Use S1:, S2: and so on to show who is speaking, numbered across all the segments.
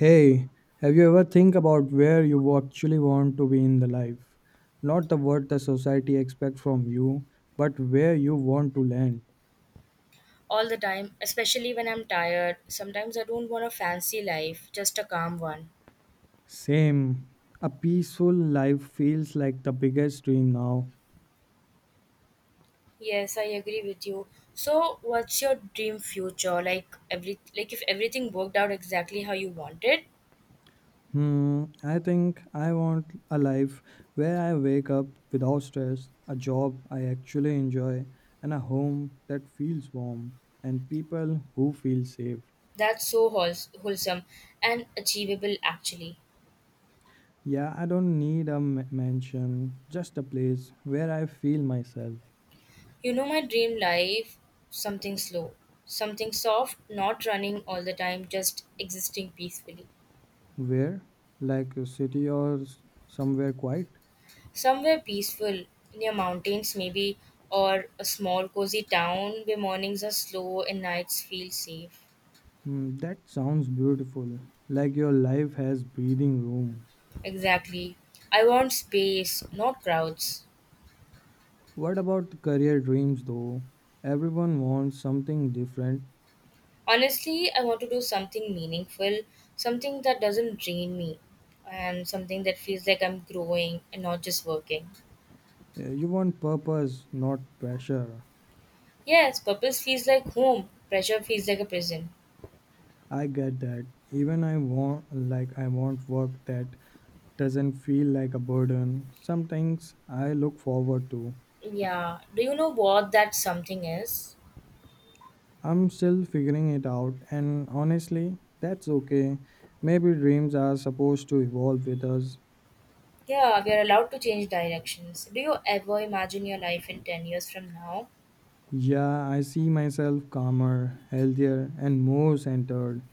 S1: Hey, have you ever think about where you actually want to be in the life? Not the what the society expect from you, but where you want to land.
S2: All the time, especially when I'm tired. Sometimes I don't want a fancy life, just a calm one.
S1: Same. A peaceful life feels like the biggest dream now.
S2: Yes, I agree with you. So, what's your dream future? Like if everything worked out exactly how you wanted,
S1: I think I want a life where I wake up without stress, a job I actually enjoy, and a home that feels warm, and people who feel safe.
S2: that's so wholesome and achievable actually.
S1: Yeah, I don't need a mansion, just a place where I feel myself.
S2: You know my dream life, something slow, something soft, not running all the time, just existing peacefully.
S1: Where? Like a city or somewhere quiet?
S2: Somewhere peaceful, near mountains maybe, or a small cozy town where mornings are slow and nights feel safe.
S1: That sounds beautiful. Like your life has breathing room.
S2: Exactly. I want space, not crowds.
S1: What about the career dreams though? Everyone wants something different.
S2: Honestly, I want to do something meaningful, something that doesn't drain me, and something that feels like I'm growing and not just working.
S1: You want purpose, not pressure.
S2: Yes, purpose feels like home, pressure feels like a prison.
S1: I get that. Even I want I want work that doesn't feel like a burden. Some things I look forward to.
S2: Yeah, do you know what that something is?
S1: I'm still figuring it out, and honestly, that's okay. Maybe dreams are supposed to evolve with us.
S2: Yeah, we are allowed to change directions. Do you ever imagine your life in 10 years from now?
S1: Yeah, I see myself calmer, healthier, and more centered.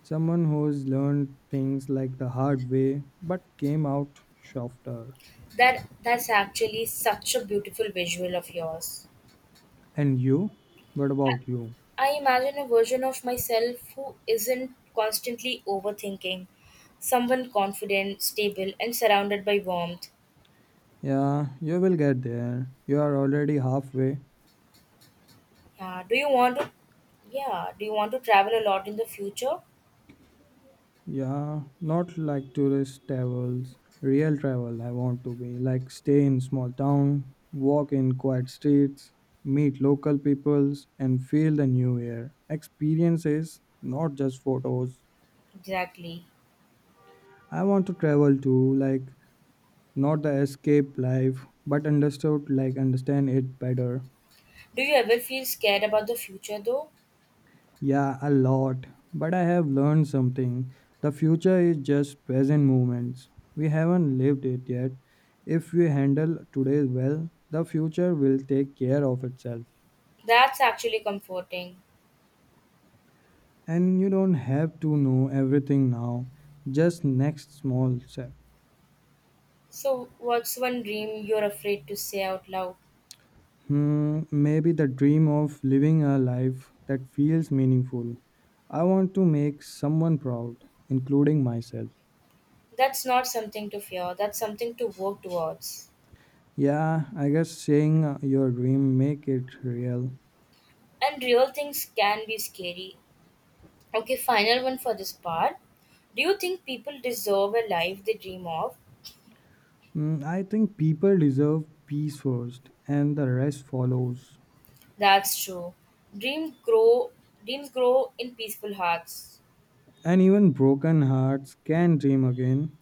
S1: Someone who's learned things like the hard way but came out softer.
S2: That's actually such a beautiful visual of yours.
S1: And you? What about you?
S2: I imagine a version of myself who isn't constantly overthinking, someone confident, stable and surrounded by warmth.
S1: Yeah, you will get there. You are already halfway.
S2: Yeah, do you want to Yeah, do you want to travel a lot in the future?
S1: Yeah, not like tourist travels, real travel I want to be. Like stay in small town, walk in quiet streets, meet local peoples and feel the new air. Experiences, not just photos.
S2: Exactly.
S1: I want to travel too, like not the escape life, but understood like understand it better.
S2: Do you ever feel scared about the future though?
S1: Yeah, a lot. But I have learned something. The future is just present moments. We haven't lived it yet. If we handle today well, the future will take care of itself.
S2: That's actually comforting.
S1: And you don't have to know everything now, just next small step.
S2: So, what's one dream you're afraid to say out loud?
S1: Maybe the dream of living a life that feels meaningful. I want to make someone proud, including myself.
S2: That's not something to fear, that's something to work towards.
S1: Yeah, I guess saying your dream make it real.
S2: And real things can be scary. Okay, final one for this part. Do you think people deserve a life they dream of?
S1: I think people deserve peace first, and the rest follows.
S2: That's true. Dream grow Dreams grow in peaceful hearts.
S1: And even broken hearts can dream again.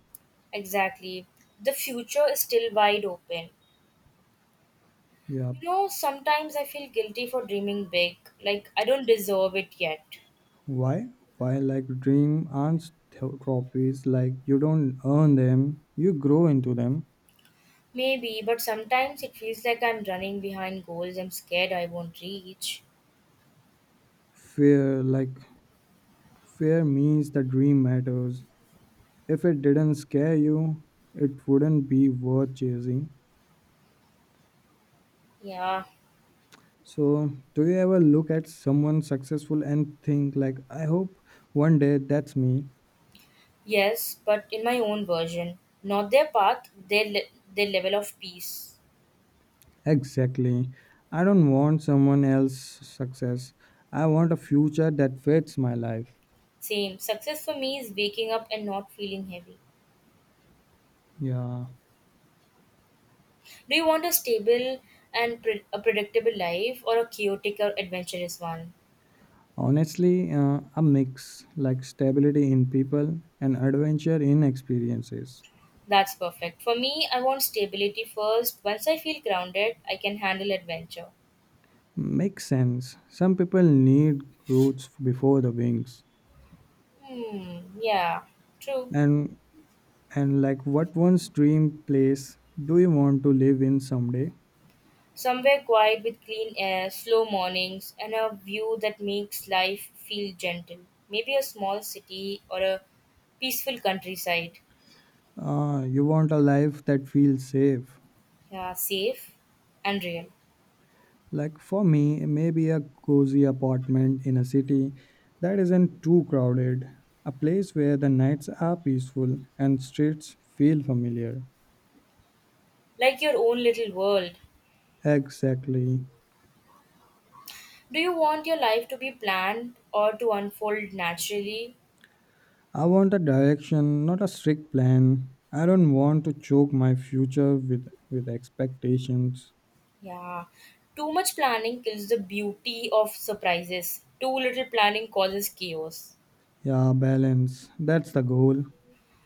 S2: Exactly. The future is still wide open.
S1: Yeah.
S2: You know, sometimes I feel guilty for dreaming big, like I don't deserve it yet.
S1: Why? Why, like, dream aren't trophies, like, you don't earn them, you grow into them.
S2: Maybe, but sometimes it feels like I'm running behind goals I'm scared I won't reach.
S1: Fear, like, fear means the dream matters. If it didn't scare you, it wouldn't be worth chasing.
S2: Yeah,
S1: So, do you ever look at someone successful and think, like, I hope one day that's me?
S2: yes, but in my own version. Not their path, their level of peace.
S1: Exactly. I don't want someone else's success. I want a future that fits my life.
S2: Same. Success for me is waking up and not feeling heavy.
S1: Yeah.
S2: Do you want a stable and a predictable life or a chaotic or adventurous one?
S1: Honestly, a mix like stability in people and adventure in experiences.
S2: That's perfect. For me, I want stability first. Once I feel grounded, I can handle adventure.
S1: Makes sense. Some people need roots before the wings.
S2: Hmm, yeah, true.
S1: And and like what one's dream place do you want to live in someday?
S2: Somewhere quiet with clean air, slow mornings, and a view that makes life feel gentle. Maybe a small city or a peaceful countryside.
S1: You want a life that feels safe.
S2: Yeah, safe and real.
S1: Like for me, maybe a cozy apartment in a city that isn't too crowded, a place where the nights are peaceful and streets feel familiar.
S2: Like your own little world.
S1: Exactly.
S2: Do you want your life to be planned or to unfold naturally?
S1: I want a direction, not a strict plan. I don't want to choke my future with, expectations.
S2: Yeah. Too much planning kills the beauty of surprises. Too little planning causes chaos.
S1: Yeah, balance. That's the goal.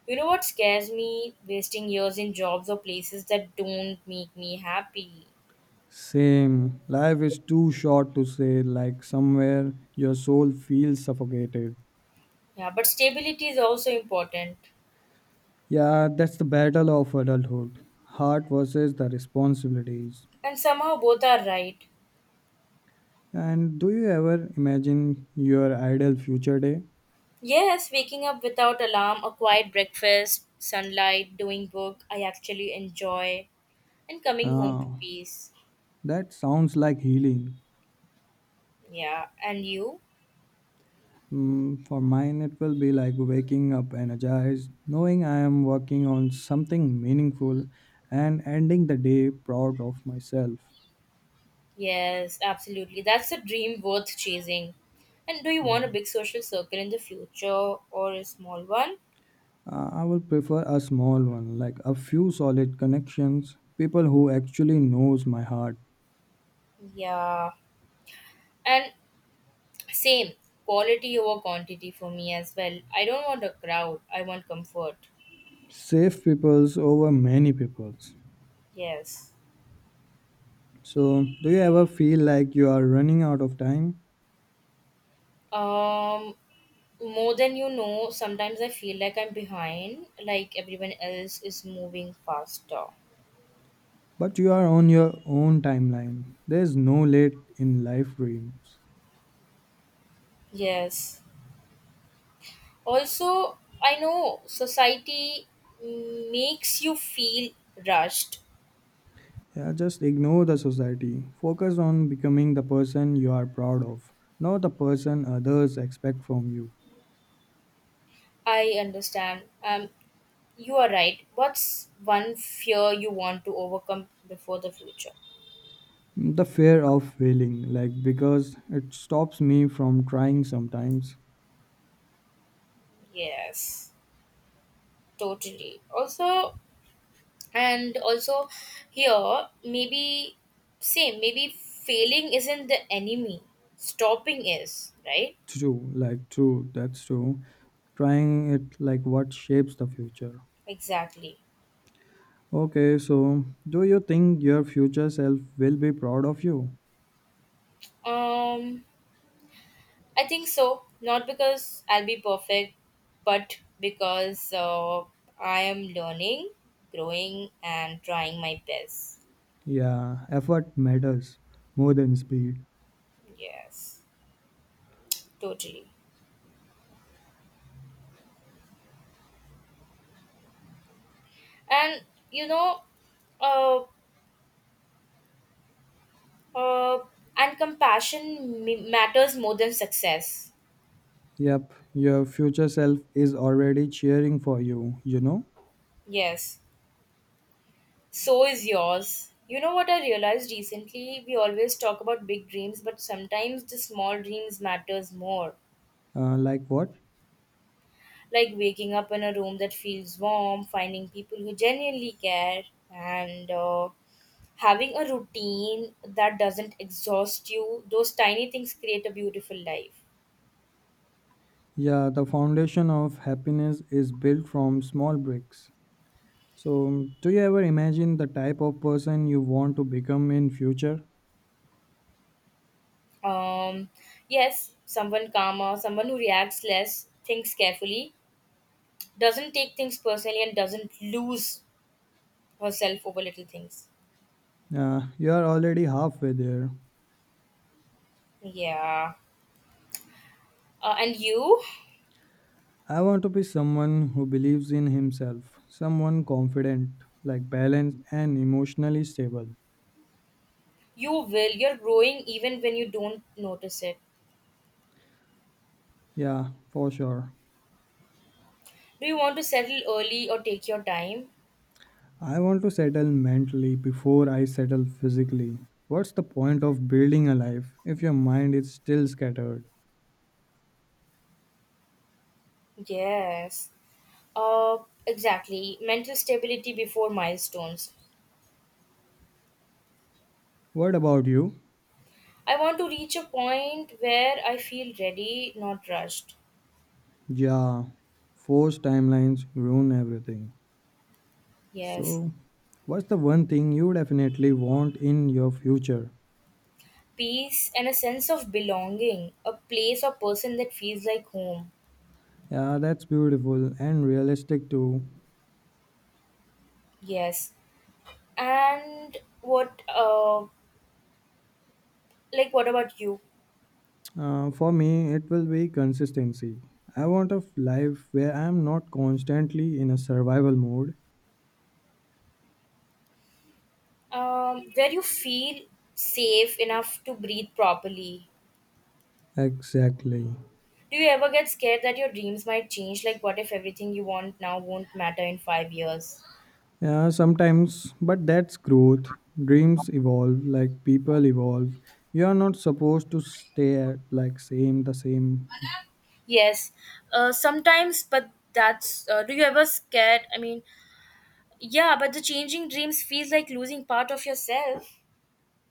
S2: You know what scares me? Wasting years in jobs or places that don't make me happy.
S1: Same. Life is too short to say, like, somewhere your soul feels suffocated.
S2: Yeah, but stability is also important.
S1: Yeah, that's the battle of adulthood heart versus the responsibilities.
S2: And somehow both are right.
S1: And do you ever imagine your ideal future day?
S2: Yes, waking up without alarm, a quiet breakfast, sunlight, doing work I actually enjoy, and coming home to
S1: Ah,
S2: peace.
S1: that sounds like healing.
S2: Yeah, and you?
S1: For mine, it will be like waking up energized, knowing I am working on something meaningful, and ending the day proud of myself.
S2: Yes, absolutely. That's a dream worth chasing. And do you want
S1: Yeah.
S2: a big social circle in the future or a small one?
S1: I will prefer a small one, like a few solid connections, people who actually knows my heart.
S2: Yeah. And same, quality over quantity for me as well. I don't want a crowd, I want comfort.
S1: Save peoples over many peoples.
S2: Yes.
S1: So, do you ever feel like you are running out of time,
S2: Um, More than you know, sometimes I feel like I'm behind, like everyone else is moving faster.
S1: but you are on your own timeline? There's no late in life dreams.
S2: Yes. Also, I know society makes you feel rushed.
S1: Yeah, just ignore the society. Focus on becoming the person you are proud of, not the person others expect from you.
S2: I understand. You are right. What's one fear you want to overcome before the future?
S1: The fear of failing, like because it stops me from trying sometimes.
S2: Yes, totally. Also, and also here maybe same maybe failing isn't the enemy, stopping is. Right,
S1: True, like true, that's true. Trying it like what shapes the future.
S2: exactly.
S1: Okay, so do you think your future self will be proud of you?
S2: um I think so, not because I'll be perfect, but because I am learning, growing and trying my best.
S1: Yeah, effort matters more than speed.
S2: Yes, totally. And you know, uh, uh, and compassion matters more than success.
S1: Yep, your future self is already cheering for you, you know?
S2: Yes. So is yours. You know what I realized recently? We always talk about big dreams, but sometimes the small dreams matters more.
S1: Like what?
S2: Like waking up in a room that feels warm, finding people who genuinely care, and having a routine that doesn't exhaust you. Those tiny things create a beautiful life.
S1: Yeah, the foundation of happiness is built from small bricks. So, do you ever imagine the type of person you want to become in future?
S2: Um, yes, someone calmer, someone who reacts less, thinks carefully, doesn't take things personally, and doesn't lose herself over little things.
S1: You are already halfway there.
S2: Yeah. And you,
S1: I want to be someone who believes in himself, someone confident, like balanced and emotionally stable.
S2: you will. You're growing even when you don't notice it.
S1: Yeah, for sure.
S2: Do you want to settle early or take your time?
S1: I want to settle mentally before I settle physically. What's the point of building a life if your mind is still scattered?
S2: Yes. Uh, exactly. Mental stability before milestones.
S1: What about you?
S2: I want to reach a point where I feel ready, not rushed.
S1: Yeah, forced timelines ruin everything.
S2: Yes.
S1: So, what's the one thing you definitely want in your future?
S2: Peace and a sense of belonging, a place or person that feels like home.
S1: Yeah, that's beautiful and realistic too.
S2: Yes. And what, like, what about you?
S1: For me, it will be consistency. I want a life where I am not constantly in a survival mode.
S2: Where you feel safe enough to breathe properly.
S1: Exactly.
S2: Do you ever get scared that your dreams might change? Like, what if everything you want now won't matter in 5 years?
S1: Yeah, sometimes, but that's growth. Dreams evolve, like people evolve. You are not supposed to stay at like same
S2: Yes, sometimes, but that's. Do you ever scared? I mean, yeah, but the changing dreams feels like losing part of yourself.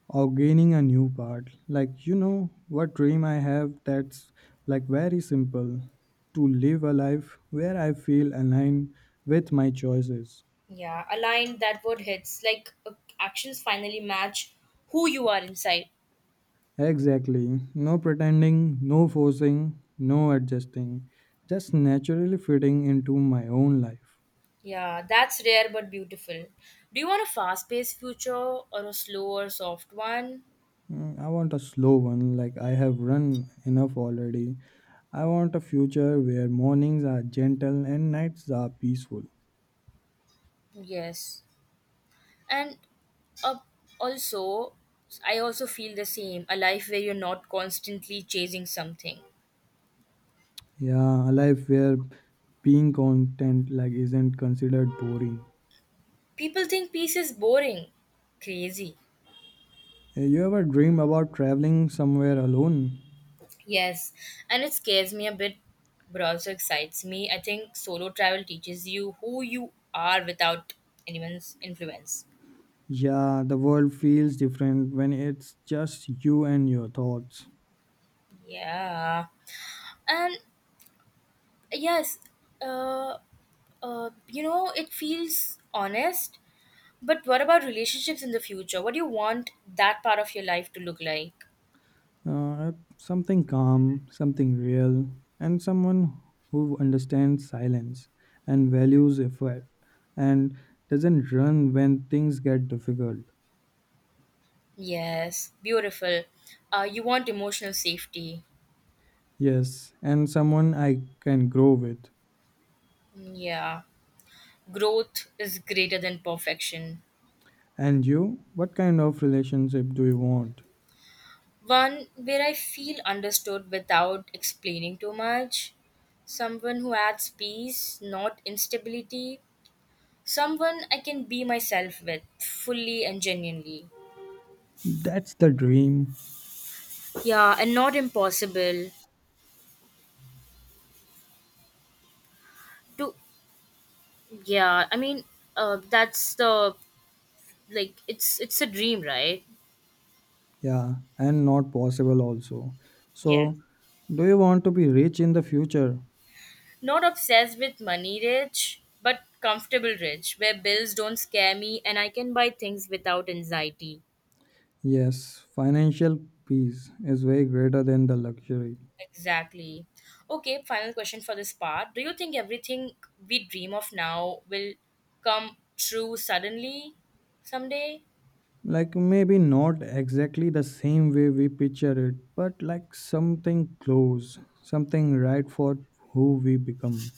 S1: or gaining a new part. Like you know what dream I have that's like very simple to live a life where I feel aligned with my choices.
S2: Yeah, a line that word hits like actions finally match who you are inside.
S1: Exactly. No pretending, no forcing, no adjusting. Just naturally fitting into my own life.
S2: Yeah, that's rare but beautiful. Do you want a fast paced future or a slow or soft one?
S1: I want a slow one, like I have run enough already. I want a future where mornings are gentle and nights are peaceful.
S2: Yes. And uh, also, I also feel the same, a life where you're not constantly chasing something.
S1: Yeah, a life where being content like isn't considered boring.
S2: People think peace is boring, crazy.
S1: You ever dream about traveling somewhere alone?
S2: Yes. And it scares me a bit, but also excites me. I think solo travel teaches you who you are without anyone's influence.
S1: Yeah, the world feels different when it's just you and your thoughts.
S2: Yeah. And yes, uh, you know, it feels honest. But what about relationships in the future? What do you want that part of your life to look like?
S1: Uh, something calm, something real, and someone who understands silence and values effort and doesn't run when things get difficult.
S2: Yes, beautiful. You want emotional safety.
S1: Yes, and someone I can grow with.
S2: Yeah. Growth is greater than perfection.
S1: And you, what kind of relationship do you want?
S2: One where I feel understood without explaining too much. Someone who adds peace, not instability. Someone I can be myself with fully and genuinely.
S1: That's the dream.
S2: Yeah, and not impossible. To yeah, I mean, that's the, like it's a dream, right?
S1: Yeah, and not possible also.
S2: Yes.
S1: So, do you want to be rich in the future?
S2: Not obsessed with money rich, but comfortable rich, where bills don't scare me and I can buy things without anxiety.
S1: Yes, financial peace is way greater than the luxury.
S2: Exactly. Okay, final question for this part. Do you think everything we dream of now will come true suddenly someday?
S1: Like maybe not exactly the same way we picture it, but like something close, something right for who we become.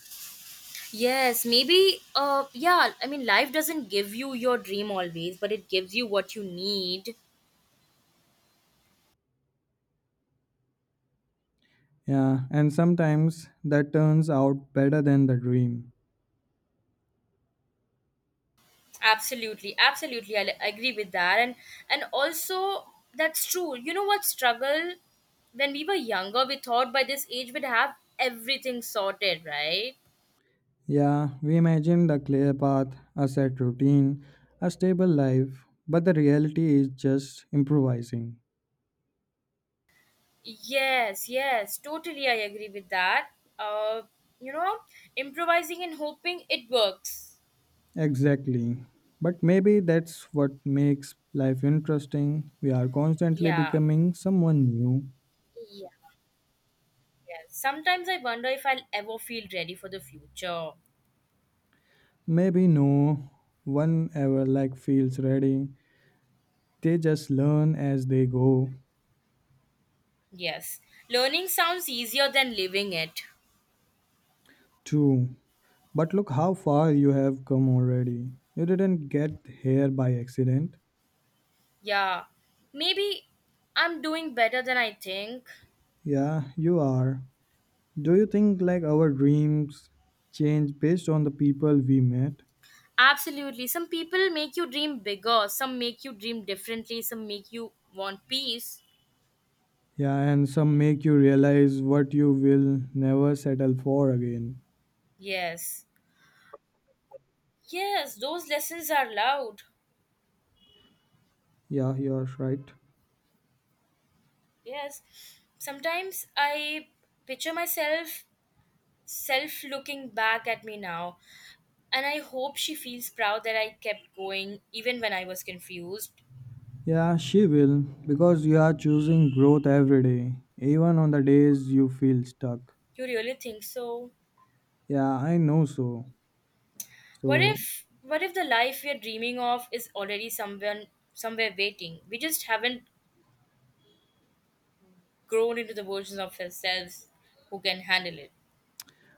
S2: Yes, maybe yeah, I mean life doesn't give you your dream always, but it gives you what you need.
S1: Yeah, and sometimes that turns out better than the dream.
S2: Absolutely, absolutely. I agree with that. And and also that's true. You know what struggle, when we were younger we thought by this age we'd have everything sorted, right?
S1: Yeah, we imagine the clear path, a set routine, a stable life, but the reality is just improvising.
S2: Yes, yes, totally, I agree with that. uh you know, improvising and hoping it works.
S1: Exactly, but maybe that's what makes life interesting. We are constantly
S2: Yeah,
S1: becoming someone new.
S2: yeah, yes. Sometimes I wonder if I'll ever feel ready for the future.
S1: Maybe no one ever like feels ready. They just learn as they go.
S2: Yes. Learning sounds easier than living it.
S1: True. But look how far you have come already. You didn't get here by accident.
S2: Yeah, maybe I'm doing better than I think.
S1: Yeah, you are. Do you think like our dreams change based on the people we met?
S2: Absolutely. Some people make you dream bigger, some make you dream differently, some make you want peace.
S1: Yeah, and some make you realize what you will never settle for again.
S2: Yes. Yes, those lessons are loud.
S1: Yeah, you're right.
S2: Yes. Sometimes I picture myself, self looking back at me now, and I hope she feels proud that I kept going even when I was confused.
S1: Yeah, she will, because you are choosing growth every day, even on the days you feel stuck.
S2: You really think so?
S1: Yeah, I know so.
S2: What
S1: So,
S2: if what if the life we are dreaming of is already somewhere, somewhere waiting? We just haven't grown into the versions of ourselves who can handle it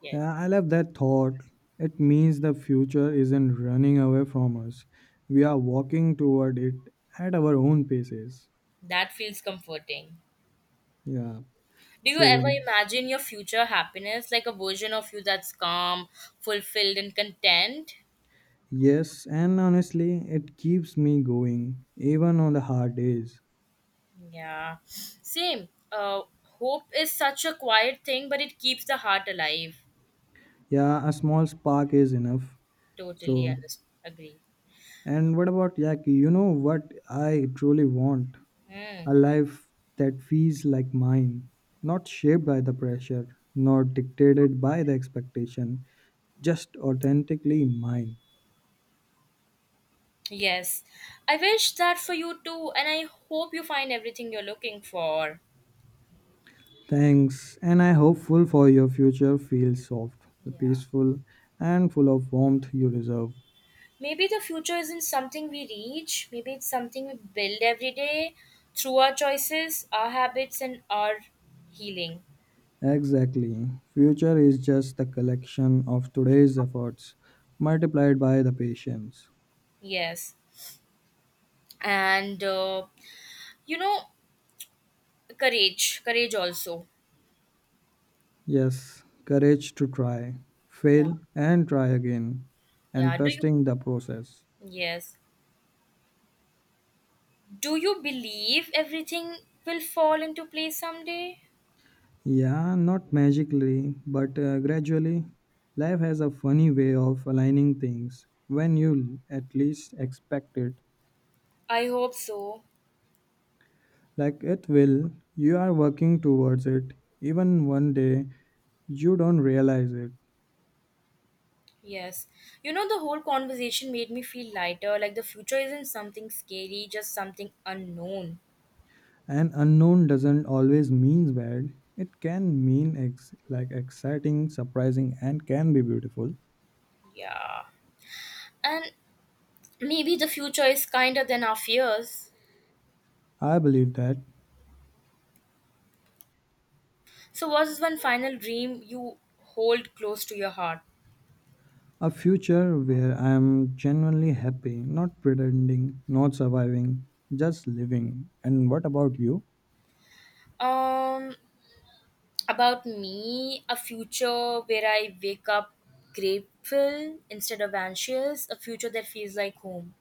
S2: yet.
S1: yeah, I love that thought. It means the future isn't running away from us, we are walking toward it at our own paces.
S2: That feels comforting.
S1: Yeah,
S2: Do you
S1: so
S2: ever imagine your future happiness, like a version of you that's calm, fulfilled, and content?
S1: yes, and honestly, it keeps me going, even on the hard days.
S2: Yeah, same. Hope is such a quiet thing, but it keeps the heart alive.
S1: Yeah, a small spark is enough.
S2: Totally
S1: So,
S2: underst- agree.
S1: and what about Yaki? You know what I truly want?
S2: Hmm.
S1: A life that feels like mine, not shaped by the pressure, nor dictated by the expectation, just authentically mine.
S2: Yes, I wish that for you too, and I hope you find everything you're looking for.
S1: Thanks, and I hopeful for your future feels soft,
S2: Yeah.
S1: peaceful, and full of warmth you deserve.
S2: Maybe the future isn't something we reach, maybe it's something we build every day through our choices, our habits, and our healing.
S1: Exactly. Future is just the collection of today's efforts multiplied by the patience.
S2: Yes, and you know, courage also.
S1: Yes, courage to try,
S2: Yeah,
S1: fail, and try again, and
S2: yeah.
S1: trusting the process.
S2: Yes, do you believe everything will fall into place someday?
S1: Yeah, not magically, but gradually. Life has a funny way of aligning things when you at least expect it.
S2: I hope so.
S1: Like it will, you are working towards it, even one day you don't realize it.
S2: Yes. You know, the whole conversation made me feel lighter, like the future isn't something scary, just something unknown.
S1: And unknown doesn't always mean bad. It can mean like exciting, surprising, and can be beautiful.
S2: Yeah. And maybe the future is kinder than our fears.
S1: I believe that.
S2: So, what is one final dream you hold close to your heart?
S1: A future where I am genuinely happy, not pretending, not surviving, just living. And what about you?
S2: Um, about me, a future where I wake up grateful instead of anxious, a future that feels like home.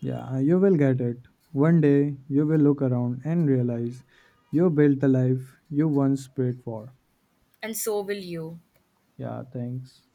S1: Yeah, you will get it. One day you will look around and realize you built the life you once prayed for.
S2: And so will you.
S1: Yeah, thanks.